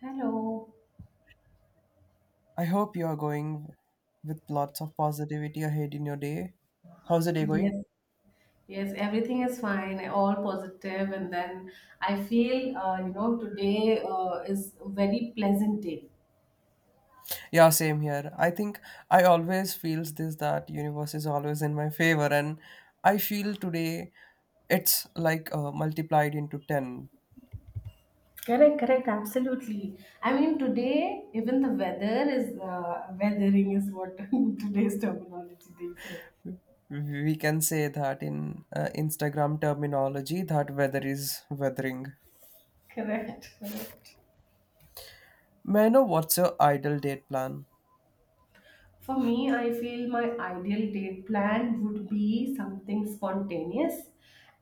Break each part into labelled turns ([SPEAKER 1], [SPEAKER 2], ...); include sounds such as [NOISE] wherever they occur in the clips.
[SPEAKER 1] Hello.
[SPEAKER 2] I hope you are going with lots of positivity ahead in your day. How's the day going?
[SPEAKER 1] Yes, yes, everything is fine, all positive, and then I feel, today is a very pleasant day.
[SPEAKER 2] Yeah, same here. I think I always feels this that universe is always in my favor and I feel today it's like multiplied into 10.
[SPEAKER 1] Correct, absolutely. I mean, today even the weather is weathering is what [LAUGHS] today's terminology they say.
[SPEAKER 2] We can say that in Instagram terminology that weather is weathering.
[SPEAKER 1] Correct.
[SPEAKER 2] May I know what's your ideal date plan?
[SPEAKER 1] For me, I feel my ideal date plan would be something spontaneous,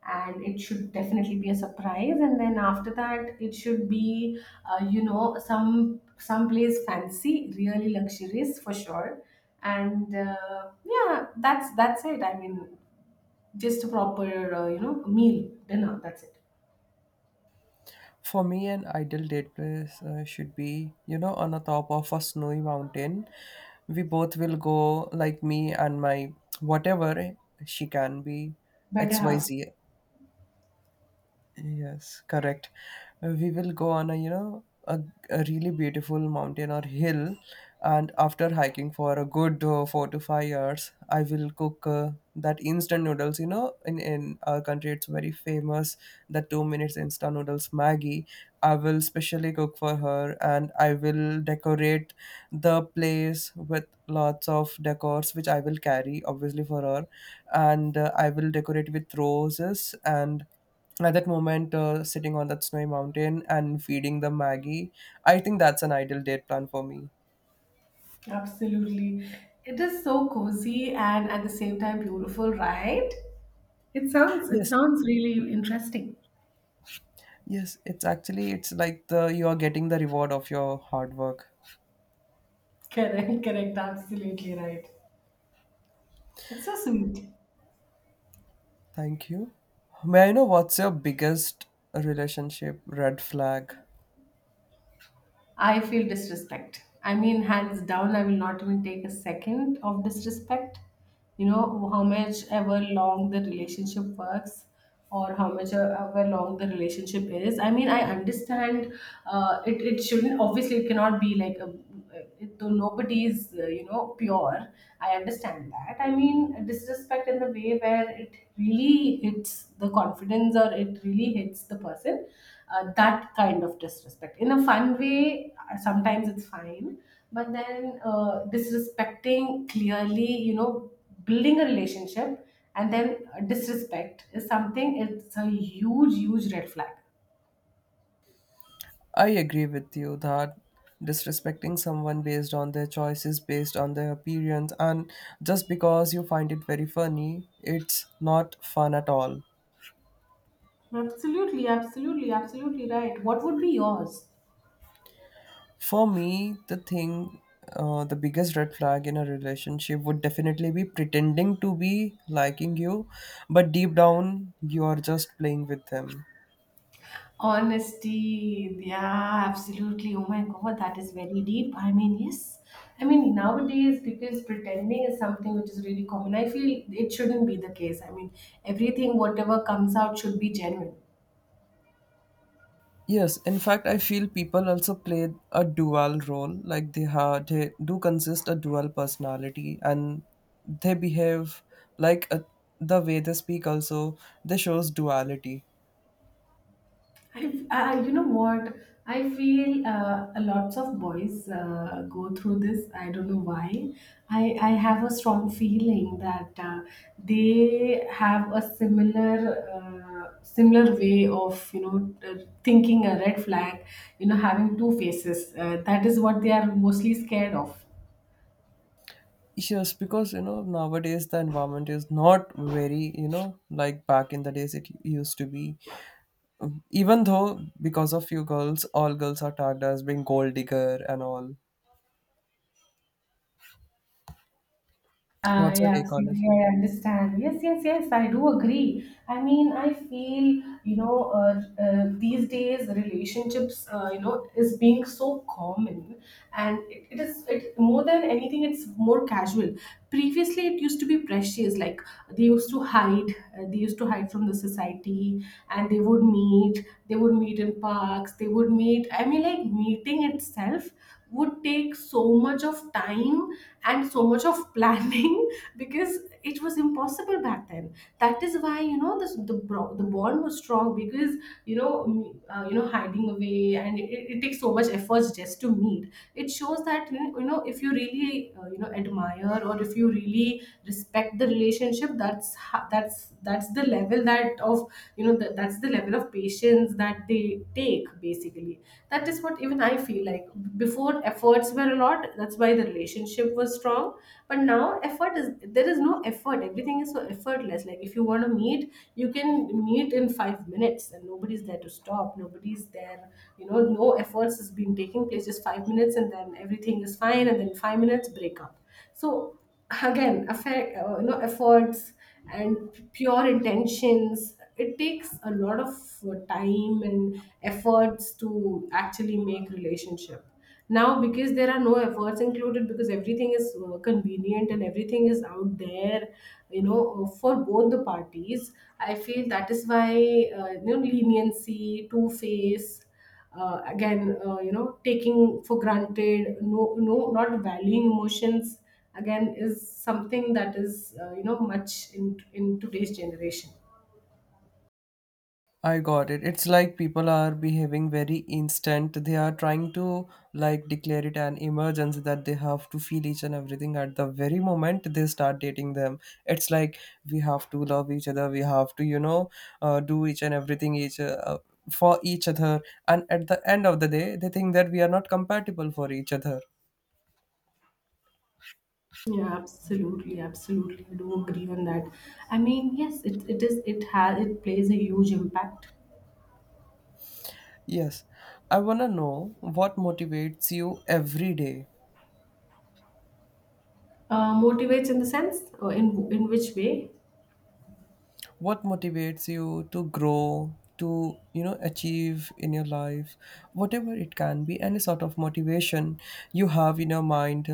[SPEAKER 1] and it should definitely be a surprise, and then after that it should be some place fancy, really luxurious for sure. And yeah, that's it. I mean, just a proper meal, dinner, that's it.
[SPEAKER 2] For me, an ideal date place should be, you know, on the top of a snowy mountain. We both will go, like me and my whatever she can be,
[SPEAKER 1] Better half.
[SPEAKER 2] XYZ. Yes, correct. We will go on a, you know, a really beautiful mountain or hill, and after hiking for a good 4 to 5 hours, I will cook that instant noodles. You know, in our country, it's very famous, the 2 minutes instant noodles Maggie. I will specially cook for her, and I will decorate the place with lots of decors which I will carry obviously for her, and I will decorate with roses. And at that moment, sitting on that snowy mountain and feeding the Maggie, I think that's an ideal date plan for me.
[SPEAKER 1] Absolutely, it is so cozy and at the same time beautiful, right? It sounds it
[SPEAKER 2] Yes,
[SPEAKER 1] sounds really interesting.
[SPEAKER 2] yes, it's actually, it's like the you are getting the reward of your hard work.
[SPEAKER 1] Correct, absolutely right. That's so sweet.
[SPEAKER 2] Thank you. May I know what's your biggest relationship red flag?
[SPEAKER 1] I feel disrespect. I mean, hands down, I will not even take a second of disrespect. You know, how much ever long the relationship works or how much ever long the relationship is. I mean, I understand it shouldn't, obviously, it cannot be like a, though nobody is pure. I understand that. I mean, disrespect in the way where it really hits the confidence or it really hits the person, that kind of disrespect in a fun way, sometimes it's fine. But then disrespecting clearly, you know, building a relationship, and then disrespect is something, it's a huge red flag.
[SPEAKER 2] I agree with you that disrespecting someone based on their choices, based on their appearance, and just because you find it very funny, it's not fun at all.
[SPEAKER 1] Absolutely right. What would be yours?
[SPEAKER 2] For me, the thing, the biggest red flag in a relationship would definitely be pretending to be liking you, but deep down, you are just playing with them.
[SPEAKER 1] Honesty, yeah, absolutely. Oh my god, that is very deep. I mean, yes. I mean, nowadays, because pretending is something which is really common, I feel it shouldn't be the case. I mean, everything, whatever comes out, should be genuine.
[SPEAKER 2] Yes, in fact, I feel people also play a dual role. Like they do consist a dual personality, and they behave like a, the way they speak also, they shows duality.
[SPEAKER 1] You know what? I feel a lots of boys go through this. I don't know why. I have a strong feeling that they have a similar way of, you know, thinking a red flag. You know, having two faces. That is what they are mostly scared of.
[SPEAKER 2] Yes, because you know nowadays the environment is not, very you know, like back in the days it used to be. Even though because of you girls, all girls are tagged as being gold digger and all.
[SPEAKER 1] Ah,
[SPEAKER 2] What's your
[SPEAKER 1] yeah,
[SPEAKER 2] take on it?
[SPEAKER 1] absolutely. I understand. Yes. I do agree. I mean, I feel, you know, these days relationships, you know, is being so common, and it is it more than anything. It's more casual. Previously, it used to be precious. Like, they used to hide. They used to hide from the society, and they would meet. They would meet in parks. They would meet. I mean, like meeting itself would take so much of time and so much of [LAUGHS] planning, because it was impossible back then. That is why, you know, this the bond was strong, because, you know, you know, hiding away, and it takes so much efforts just to meet. It shows that, you know, you know, if you really you know, admire, or if you really respect the relationship, that's the level that of, you know, that's the level of patience that they take, basically. That is what even I feel like. Before, efforts were a lot, that's why the relationship was strong. But now, effort is, there is no effort. Everything is so effortless. Like if you want to meet, you can meet in 5 minutes, and nobody's there to stop, nobody's there. You know, no efforts has been taking place, just 5 minutes and then everything is fine, and then 5 minutes break up. So, again, affect, you know, efforts and pure intentions, it takes a lot of time and efforts to actually make relationship. Now, because there are no efforts included, because everything is convenient and everything is out there, you know, for both the parties, I feel that is why you know, leniency, two face, again, you know, taking for granted, not valuing emotions, again, is something that is you know, much in today's generation.
[SPEAKER 2] I got it. It's like people are behaving very instant. They are trying to like declare it an emergency that they have to feel each and everything at the very moment they start dating them. It's like we have to love each other. We have to, you know, do each and everything, each for each other. And at the end of the day, they think that we are not compatible for each other.
[SPEAKER 1] Yeah, absolutely. I do agree on that. I mean, yes, it has, it plays a huge impact.
[SPEAKER 2] Yes, I wanna know what motivates you every day.
[SPEAKER 1] Motivates in the sense, in which way?
[SPEAKER 2] What motivates you to grow, to you know, achieve in your life? Whatever it can be, any sort of motivation you have in your mind.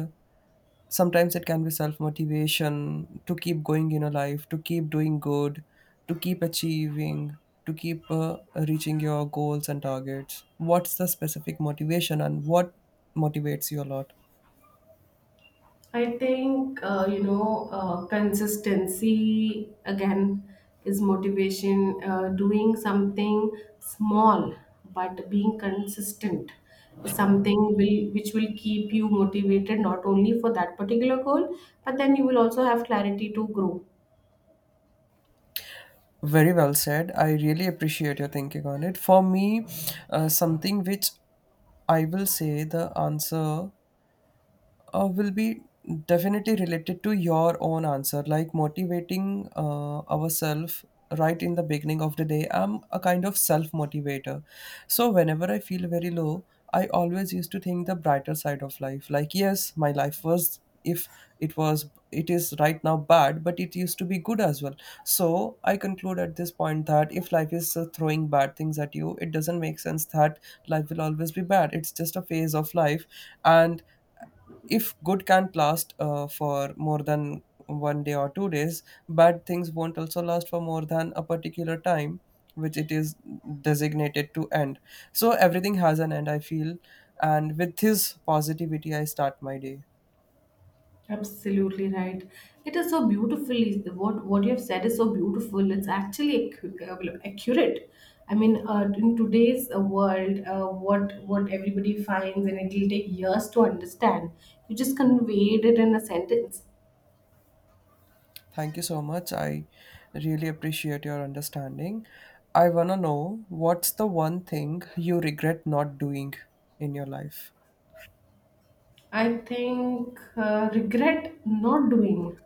[SPEAKER 2] Sometimes it can be self motivation to keep going in your life, to keep doing good, to keep achieving, to keep reaching your goals and targets. What's the specific motivation and what motivates you a lot?
[SPEAKER 1] I think you know, consistency again is motivation. Doing something small but being consistent is something will which will keep you motivated, not only for that particular goal, but then you will also have clarity to grow.
[SPEAKER 2] Very well said. I really appreciate your thinking on it. For me, something which I will say, the answer will be definitely related to your own answer, like motivating ourselves right in the beginning of the day. I'm a kind of self motivator, so whenever I feel very low, I always used to think the brighter side of life. Like yes, my life was, if it was, it is right now bad, but it used to be good as well. So I conclude at this point that if life is throwing bad things at you, it doesn't make sense that life will always be bad. It's just a phase of life. And if good can't last for more than one day or 2 days, bad things won't also last for more than a particular time which it is designated to end. So everything has an end, I feel. And with his positivity, I start my day.
[SPEAKER 1] Absolutely right. It is so beautifully, what you have said is so beautiful. It's accurate. I mean, in today's world, what everybody finds, and it will take years to understand. You just conveyed it in a sentence.
[SPEAKER 2] Thank you so much. I really appreciate your understanding. I wanna know what's the one thing you regret not doing in your life.
[SPEAKER 1] I think regret not doing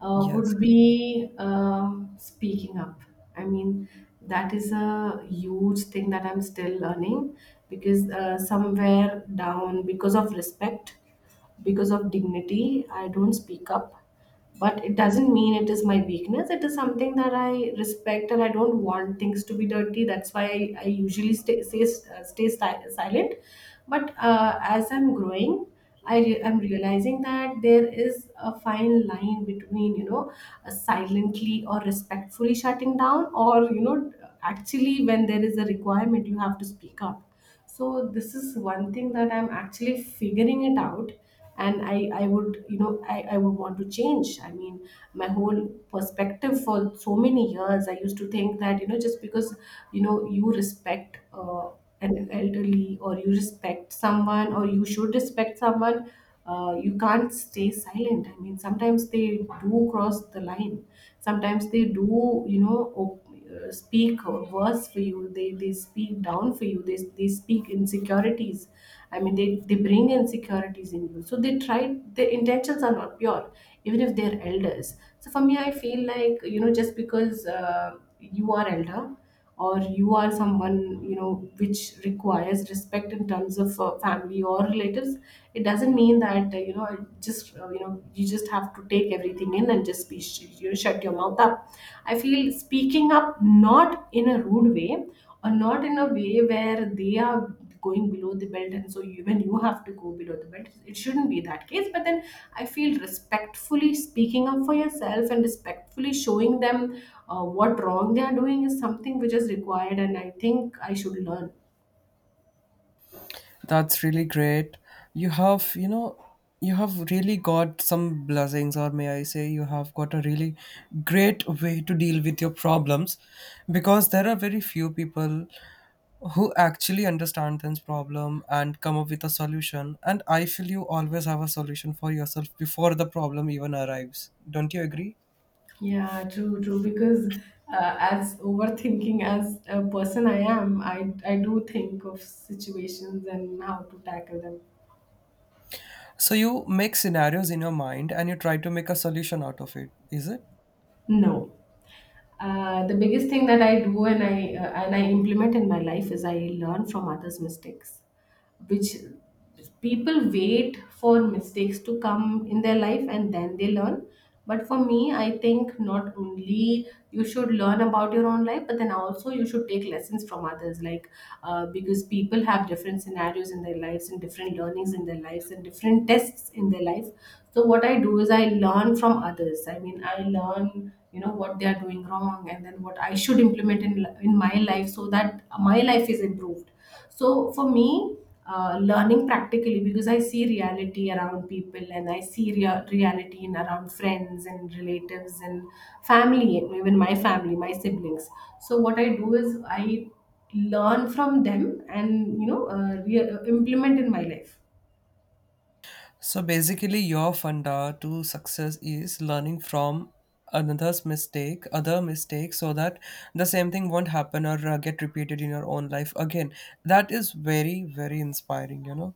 [SPEAKER 2] Yes.
[SPEAKER 1] would be speaking up. I mean, that is a huge thing that I'm still learning, because somewhere down, because of respect, because of dignity, I don't speak up. But it doesn't mean it is my weakness, it is something that I respect, and I don't want things to be dirty. That's why I usually stay silent. But as I'm growing, I'm realizing that there is a fine line between, you know, silently or respectfully shutting down, or, you know, actually when there is a requirement, you have to speak up. So this is one thing that I'm actually figuring it out. And I would, you know, I would want to change. I mean, my whole perspective, for so many years I used to think that, you know, just because, you know, you respect an elderly, or you respect someone, or you should respect someone, you can't stay silent. I mean, sometimes they do cross the line, sometimes they do, you know, speak worse for you, they speak down for you, they speak insecurities. I mean, they bring insecurities in you. So they try, their intentions are not pure, even if they're elders. So for me, I feel like, you know, just because you are elder or you are someone, you know, which requires respect in terms of family or relatives, it doesn't mean that you know, just you know, you just have to take everything in and just be you know, shut your mouth up. I feel speaking up, not in a rude way, or not in a way where they are going below the belt, and so even you have to go below the belt. It shouldn't be that case. But then I feel respectfully speaking up for yourself and respectfully showing them what wrong they are doing is something which is required, and I think I should learn.
[SPEAKER 2] That's really great. You have, you know, you have really got some blessings, or may I say, you have got a really great way to deal with your problems, because there are very few people who actually understand this problem and come up with a solution. And I feel you always have a solution for yourself before the problem even arrives. Don't you agree?
[SPEAKER 1] Yeah, true. Because as overthinking as a person I am, I do think of situations and how to tackle them.
[SPEAKER 2] So you make scenarios in your mind and you try to make a solution out of it, is it?
[SPEAKER 1] No. The biggest thing that I do and I implement in my life is I learn from others' mistakes. Which, people wait for mistakes to come in their life and then they learn. But for me, I think not only you should learn about your own life, but then also you should take lessons from others. Like, because people have different scenarios in their lives and different learnings in their lives and different tests in their life. So what I do is I learn from others. I mean, I learn, you know, what they are doing wrong, and then what I should implement in my life, so that my life is improved. So for me, learning practically, because I see reality around people, and I see reality in around friends and relatives and family, and even my family, my siblings. So what I do is I learn from them, and you know, implement in my life.
[SPEAKER 2] So basically, your funda to success is learning from another's mistake, other mistakes, so that the same thing won't happen or get repeated in your own life again. That is very, very inspiring, you know.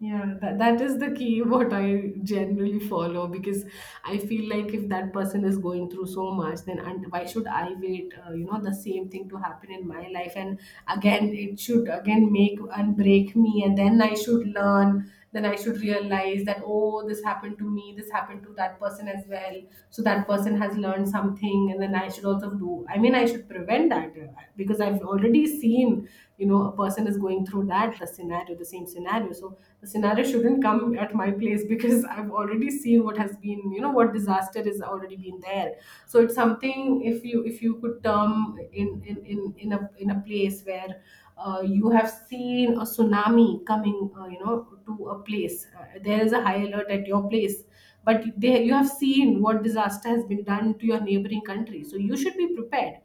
[SPEAKER 1] Yeah, that is the key [LAUGHS] what I generally follow. Because I feel like if that person is going through so much, then and why should I wait, you know, the same thing to happen in my life? And again, it should again make and break me, and then I should learn, then I should realize that, oh, this happened to me, this happened to that person as well, so that person has learned something and then I should also do, I should prevent that. Because I've already seen, a person is going through that, the scenario, the same scenario, so the scenario shouldn't come at my place [LAUGHS] because I've already seen what has been, what disaster is already been there. So it's something, if you could term in a, in a place where you have seen a tsunami coming, to a place, there is a high alert at your place, but they, you have seen what disaster has been done to your neighboring country, so you should be prepared.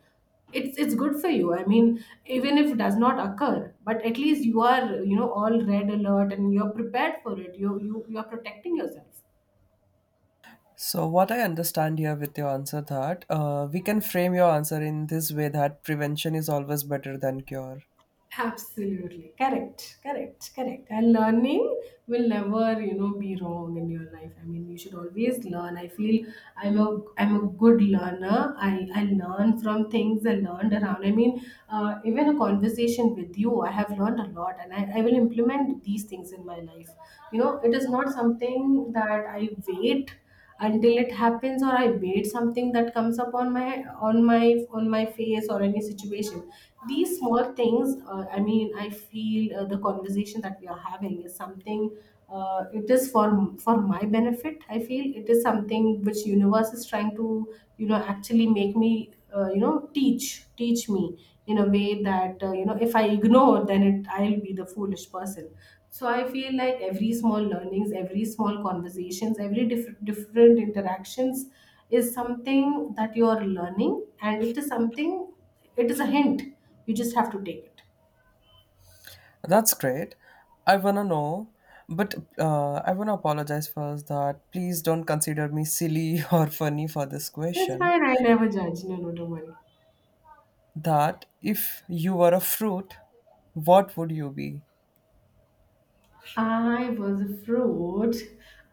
[SPEAKER 1] It's good for you, I mean, even if it does not occur, but at least you are, all red alert and you're prepared for it, you are protecting yourself.
[SPEAKER 2] So what I understand here with your answer, that we can frame your answer in this way, that prevention is always better than cure.
[SPEAKER 1] Absolutely. Correct. Correct. Correct. And learning will never, be wrong in your life. I mean, you should always learn. I feel I'm a good learner. I learn from things I learned around. I mean, even a conversation with you, I have learned a lot and I will implement these things in my life. You know, it is not something that I wait until it happens or I made something that comes up on my on my face or any situation. These small things, I feel the conversation that we are having is something, it is for my benefit. I feel it is something which universe is trying to, actually make me, teach, teach me in a way that, if I ignore then it I'll be the foolish person. So I feel like every small learnings, every small conversations, every different interactions is something that you're learning, and it is something, it is a hint. You just have to take it.
[SPEAKER 2] That's great. I wanna know, but I wanna apologize first, that please don't consider me silly [LAUGHS] or funny for this
[SPEAKER 1] It's
[SPEAKER 2] question.
[SPEAKER 1] fine, I never judge. No, no, don't worry.
[SPEAKER 2] That if you were a fruit, what would you be?
[SPEAKER 1] I was a fruit,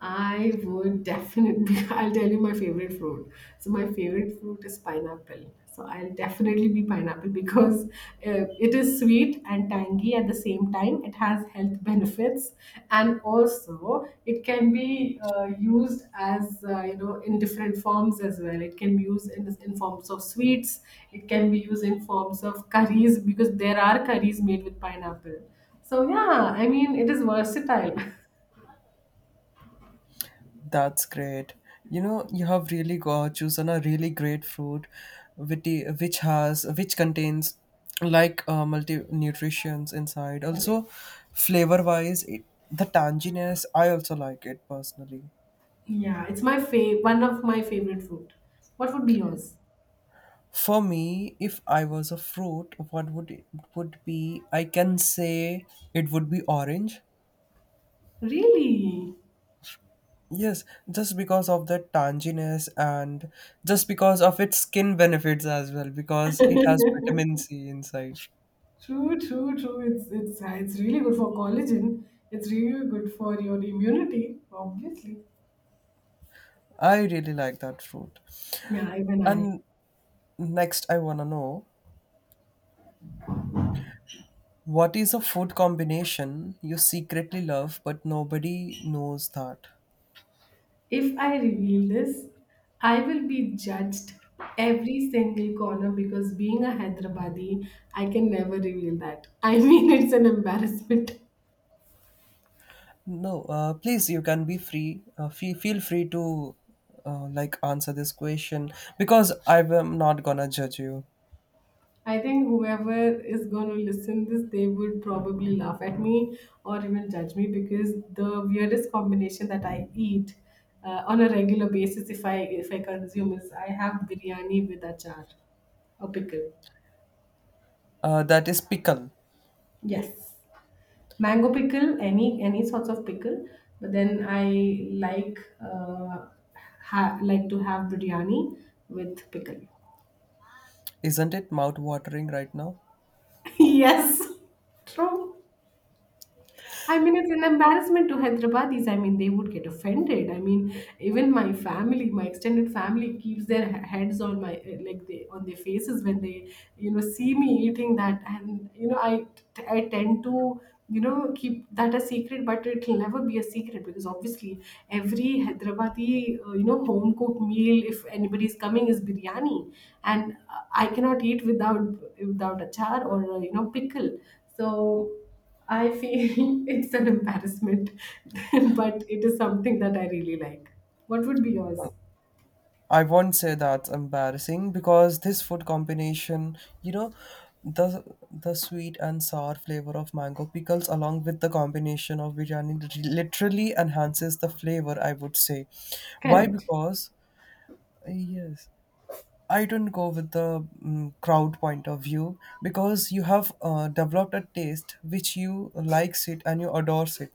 [SPEAKER 1] I would definitely, [LAUGHS] I'll tell you my favorite fruit. So, my favorite fruit is pineapple. So, I'll definitely be pineapple because it is sweet and tangy at the same time. It has health benefits, and also it can be used as, in different forms as well. It can be used in forms of sweets, it can be used in forms of curries because there are curries made with pineapple. So yeah, I mean it is versatile. [LAUGHS]
[SPEAKER 2] That's great. You know, you have really got chosen a really great fruit, which has, which contains like multi nutrients inside.
[SPEAKER 1] Correct.
[SPEAKER 2] Also, flavor wise, it, the tanginess I also like it personally.
[SPEAKER 1] Yeah, it's my fav, one of my favorite food. What would be yours?
[SPEAKER 2] For me, if I was a fruit, what would it would be? I can say it would be orange.
[SPEAKER 1] Really?
[SPEAKER 2] Yes, just because of the tanginess and just because of its skin benefits as well, because it has vitamin C inside.
[SPEAKER 1] True, true, true. It's it's really good for collagen. It's really good for your immunity, obviously.
[SPEAKER 2] I really like that fruit.
[SPEAKER 1] Yeah, even I.
[SPEAKER 2] And next, I want to know, what is a food combination you secretly love but nobody knows that?
[SPEAKER 1] If I reveal this, I will be judged every single corner because, being a Hyderabadi, I can never reveal that. I mean, [LAUGHS] it's an embarrassment.
[SPEAKER 2] No, please, you can be free. Feel free to like answer this question, because I am not gonna judge you.
[SPEAKER 1] I think whoever is going to listen this, they would probably laugh at me or even judge me, because the weirdest combination that I eat on a regular basis, if I consume, is I have biryani with achar, a pickle.
[SPEAKER 2] That is pickle,
[SPEAKER 1] Yes, mango pickle, any sorts of pickle. But then I like, like to have biryani with pickle.
[SPEAKER 2] isn't it? Mouth watering right now.
[SPEAKER 1] [LAUGHS] Yes, true. I mean, it's an embarrassment to Hyderabadis. I mean, they would get offended. I mean, even my family, my extended family, keeps their heads on my, like they on their faces when they, see me eating that, and I I tend to, keep that a secret, but it'll never be a secret because obviously every Hyderabadi, home cooked meal, if anybody's coming, is biryani, and I cannot eat without, achar or, pickle. So. I feel [LAUGHS] it's an embarrassment, [LAUGHS] but it is something that I really like. What would be yours?
[SPEAKER 2] I won't say that's embarrassing, because this food combination, you know, the the sweet and sour flavor of mango pickles along with the combination of biryani literally enhances the flavor, I would say. Why?
[SPEAKER 1] Correct.
[SPEAKER 2] Because yes. I don't go with the crowd point of view, because you have developed a taste which you likes it and you adores it.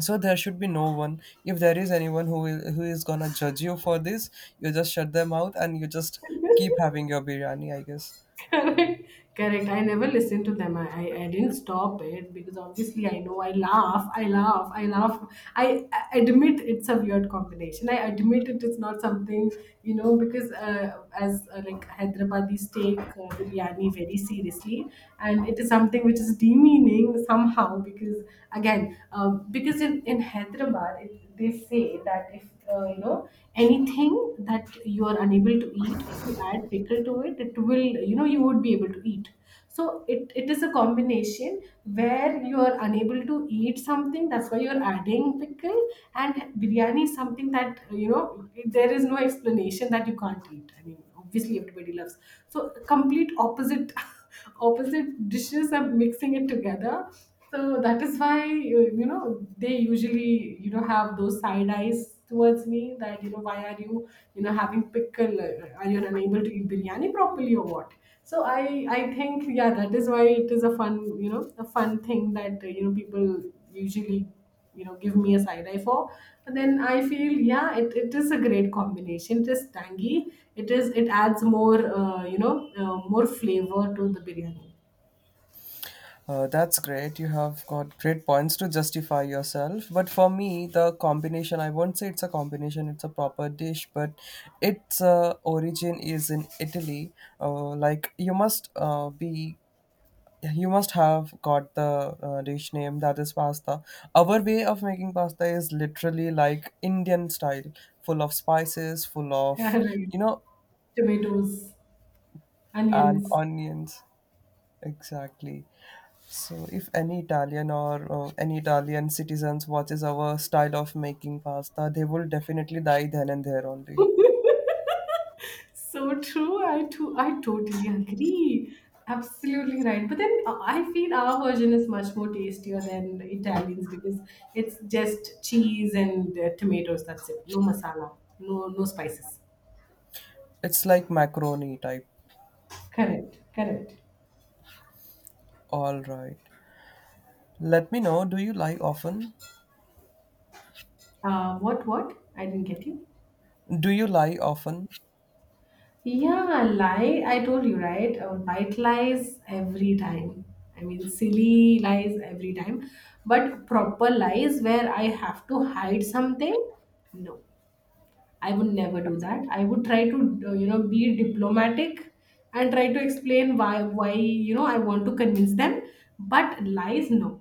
[SPEAKER 2] So there should be no one. If there is anyone who is gonna judge you for this, you just shut them out and you just keep having your biryani, I guess.
[SPEAKER 1] Correct. Correct. I never listened to them. I didn't stop it because obviously I know I laugh, I laugh, I laugh. I admit it's a weird combination. I admit it is not something, you know, because as like Hyderabadis take biryani very seriously and it is something which is demeaning somehow, because again, because in Hyderabad, it, they say that, if uh, you know anything that you are unable to eat, if you add pickle to it, it will, you would be able to eat. So it is a combination where you are unable to eat something, that's why you're adding pickle, and biryani is something that, you know, there is no explanation that you can't eat, I mean obviously everybody loves. So complete opposite [LAUGHS] [LAUGHS] opposite dishes and mixing it together. So that is why they usually, have those side eyes towards me, that, why are you, you know having pickle? Are you unable to eat biryani properly or what? So I think yeah, that is why it is a fun, a fun thing that, people usually, give me a side eye for. But then I feel, yeah it is a great combination, it is tangy, it is, it adds more, more flavor to the biryani.
[SPEAKER 2] That's great. You have got great points to justify yourself. But for me, the combination, I won't say it's a combination, it's a proper dish, but its origin is in Italy. Like, you must be. You must have got the dish name, that is pasta. Our way of making pasta is literally like Indian style, full of spices, full
[SPEAKER 1] [LAUGHS] Yeah,
[SPEAKER 2] of,
[SPEAKER 1] right.
[SPEAKER 2] you know,
[SPEAKER 1] Tomatoes,
[SPEAKER 2] and
[SPEAKER 1] onions.
[SPEAKER 2] onions. Exactly. So if any Italian or any Italian citizens watches our style of making pasta, they will definitely die then and there only.
[SPEAKER 1] So true, I totally agree, absolutely right. But then, I feel our version is much more tastier than Italians, because it's just cheese and, tomatoes, that's it. No masala, no spices.
[SPEAKER 2] It's like macaroni type.
[SPEAKER 1] Correct, correct.
[SPEAKER 2] All right. Let me know, do you lie often?
[SPEAKER 1] What? I didn't get you.
[SPEAKER 2] Do you lie often?
[SPEAKER 1] Yeah, lie. I told you, right? White lies every time. I mean, silly lies every time. But proper lies where I have to hide something, no. I would never do that. I would try to, be diplomatic and try to explain why, you know, I want to convince them. But lies, no,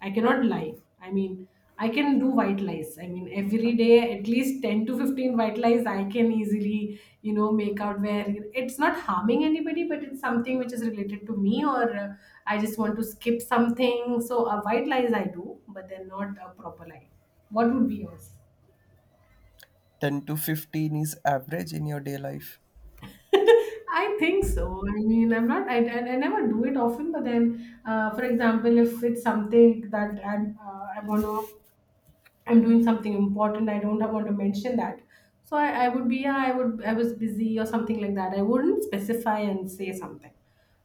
[SPEAKER 1] I cannot lie. I mean, I can do white lies. I mean, every day at least 10 to 15 white lies I can easily, you know, make out, where it's not harming anybody, but it's something which is related to me, or I just want to skip something. So, a white lies I do, but they're not a proper lie. What would be yours?
[SPEAKER 2] 10 to 15 is average in your day life.
[SPEAKER 1] I think so. I mean, I'm not, I never do it often, but then, for example, if it's something that I want to, I'm doing something important, I don't want to mention that. So I would be, yeah, I would, I was busy or something like that. I wouldn't specify and say something.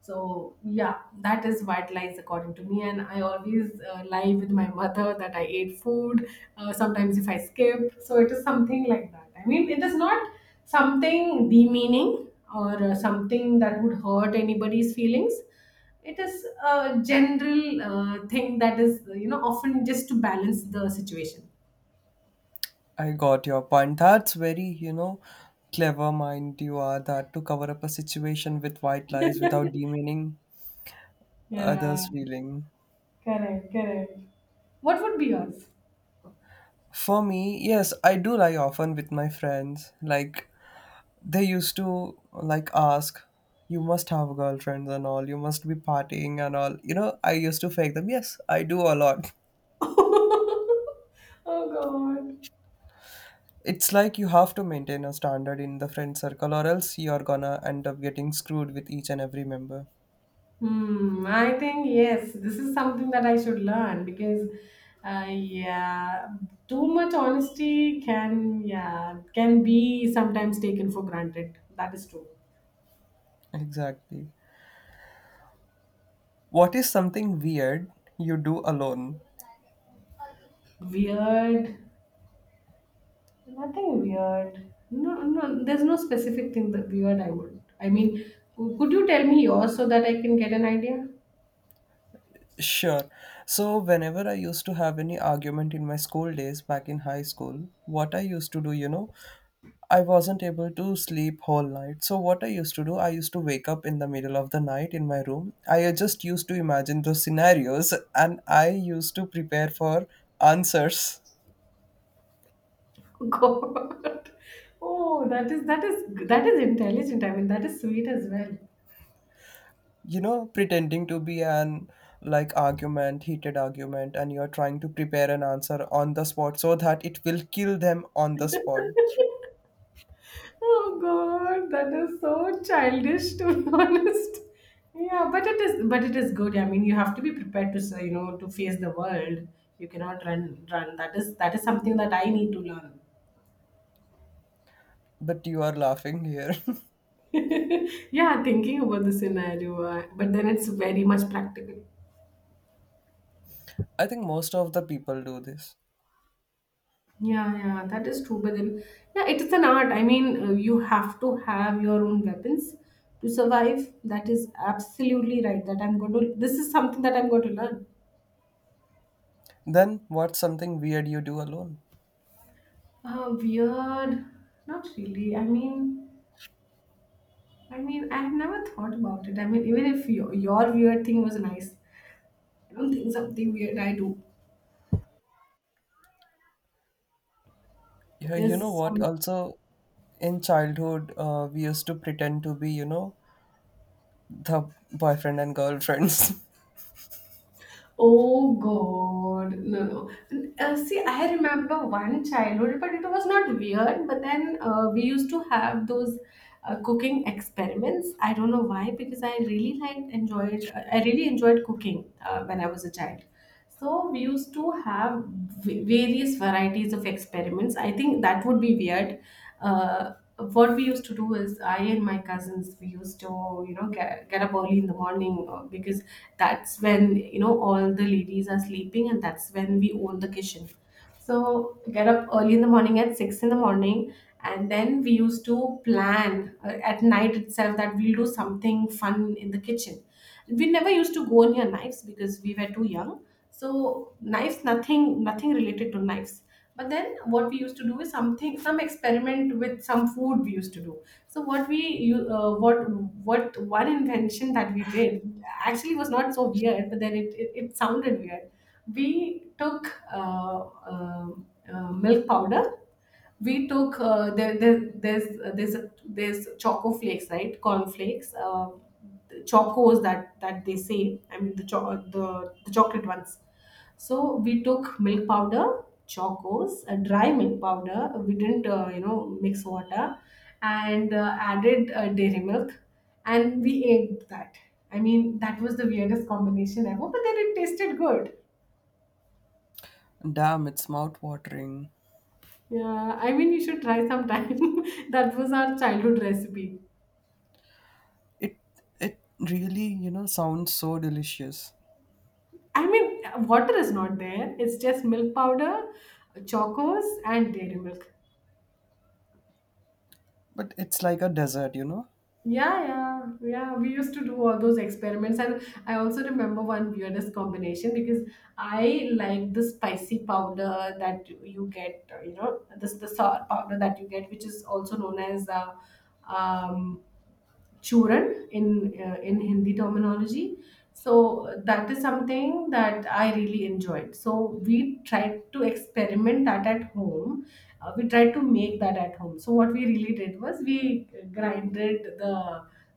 [SPEAKER 1] So yeah, that is white lies according to me, and I always lie with my mother that I ate food. Sometimes if I skip, so it is something like that. I mean, it is not something demeaning or, something that would hurt anybody's feelings. It is a general, thing that is, you know, often just to balance the situation.
[SPEAKER 2] I got your point. That's very, you know, clever mind you are, that to cover up a situation with white lies without demeaning
[SPEAKER 1] Yeah,
[SPEAKER 2] others' feeling.
[SPEAKER 1] correct, correct. What would be yours?
[SPEAKER 2] For me, yes, I do lie often with my friends. Like they used to like ask, "You must have girlfriends and all. You must be partying and all." You know, I used to fake them. Yes, I do a lot.
[SPEAKER 1] [LAUGHS] Oh God.
[SPEAKER 2] It's like you have to maintain a standard in the friend circle, or else you're gonna end up getting screwed with each and every member.
[SPEAKER 1] Hmm, I think yes, this is something that I should learn, because, yeah, too much honesty can, yeah, can be sometimes taken for granted. That is true.
[SPEAKER 2] Exactly. What is something weird you do alone?
[SPEAKER 1] Weird, nothing weird. No, no, there's no specific thing that weird I would. I mean, could you tell me yours so that I can get an idea?
[SPEAKER 2] Sure. So whenever I used to have any argument in my school days back in high school, what I used to do, you know, I wasn't able to sleep whole night. So what I used to do, I used to wake up in the middle of the night in my room. I just used to imagine those scenarios and I used to prepare for answers.
[SPEAKER 1] [LAUGHS] God, oh, that is that is intelligent. I mean, that is sweet as well.
[SPEAKER 2] You know, pretending to be an like argument, heated argument, and you're trying to prepare an answer on the spot so that it will kill them on the spot.
[SPEAKER 1] Oh God, that is so childish to be [LAUGHS] honest. Yeah, but it is, but it is good. I mean, you have to be prepared to say, you know, to face the world. You cannot run. That is something that I need to learn.
[SPEAKER 2] But you are laughing here.
[SPEAKER 1] [LAUGHS] Yeah, thinking about the scenario, but then it's very much practical.
[SPEAKER 2] [LAUGHS] I think most of the people do this.
[SPEAKER 1] Yeah, yeah, that is true. But then, yeah, it is an art. I mean, you have to have your own weapons to survive. That is absolutely right. That I'm going to. This is something that I'm going to learn.
[SPEAKER 2] Then what's something weird you do alone?
[SPEAKER 1] Weird. Not really. I mean, I have never thought about it. I mean, even if your weird thing was nice, I don't think something weird I do
[SPEAKER 2] Yeah, you know
[SPEAKER 1] is
[SPEAKER 2] what?
[SPEAKER 1] some.
[SPEAKER 2] Also, in childhood, we used to pretend to be, you know, the boyfriend and girlfriends.
[SPEAKER 1] Oh God, no, no. See, I remember one childhood, but it was not weird. But then, we used to have those, cooking experiments. I don't know why, because I really liked enjoyed, I really enjoyed cooking, when I was a child. So we used to have various varieties of experiments. I think that would be weird. What we used to do is, I and my cousins, we used to, you know, get up early in the morning, because that's when, you know, all the ladies are sleeping and that's when we own the kitchen. So get up early in the morning at 6 in the morning, and then we used to plan, at night itself, that we'll do something fun in the kitchen. We never used to go near knives because we were too young, so knives, nothing, related to knives. But then what we used to do is something, some experiment with some food we used to do. So what we you what one invention that we did actually was not so weird, but then it sounded weird. We took, milk powder. We took, there's a, there's choco flakes, right, corn flakes, the chocos that they say, I mean, the the chocolate ones. So we took milk powder, chocos, a dry milk powder, we didn't, you know, mix water, and, added, dairy milk, and we ate that. I mean, that was the weirdest combination ever, but then it tasted good.
[SPEAKER 2] [LAUGHS] Damn, it's mouth-watering.
[SPEAKER 1] Yeah, I mean, you should try sometime. [LAUGHS] That was our childhood recipe.
[SPEAKER 2] It it really, you know, sounds so delicious,
[SPEAKER 1] I mean, water is not there. It's just milk powder, chocos, and dairy milk.
[SPEAKER 2] but it's like a dessert, you know.
[SPEAKER 1] Yeah, yeah, yeah. We used to do all those experiments, and I also remember one weirdest combination, because I like the spicy powder that you get. You know, this the sour powder that you get, which is also known as, um, churan in, in Hindi terminology. So that is something that I really enjoyed. So we tried to experiment that at home. We tried to make that at home. So what we really did was we grinded the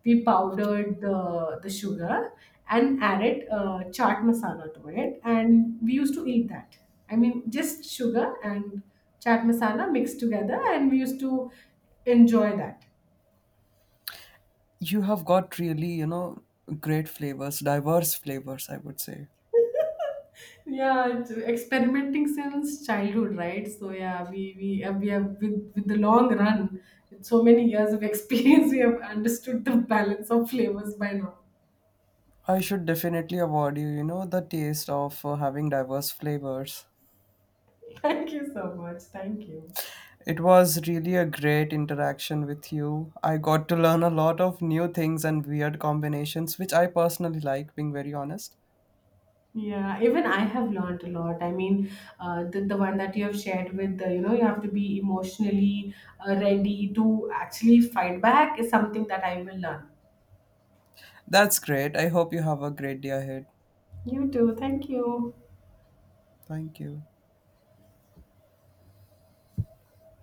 [SPEAKER 1] we powdered the sugar, and added, chaat masala to it, and we used to eat that. I mean, just sugar and chaat masala mixed together, and we used to enjoy that.
[SPEAKER 2] You have got really, you know, great flavors, diverse flavors, I would say.
[SPEAKER 1] Yeah, it's experimenting since childhood, right? So yeah, we have with the long run, with so many years of experience, [LAUGHS] we have understood the balance of flavors by now.
[SPEAKER 2] I should definitely award you, you know, the taste of having diverse flavors.
[SPEAKER 1] Thank you so much. Thank you.
[SPEAKER 2] It was really a great interaction with you. I got to learn a lot of new things and weird combinations, which I personally like, being very honest.
[SPEAKER 1] Yeah, even I have learned a lot. I mean, the one that you have shared with, the, you know, you have to be emotionally, ready to actually fight back, is something that I will learn.
[SPEAKER 2] That's great. I hope you have a great day ahead.
[SPEAKER 1] You too. Thank you.
[SPEAKER 2] Thank you.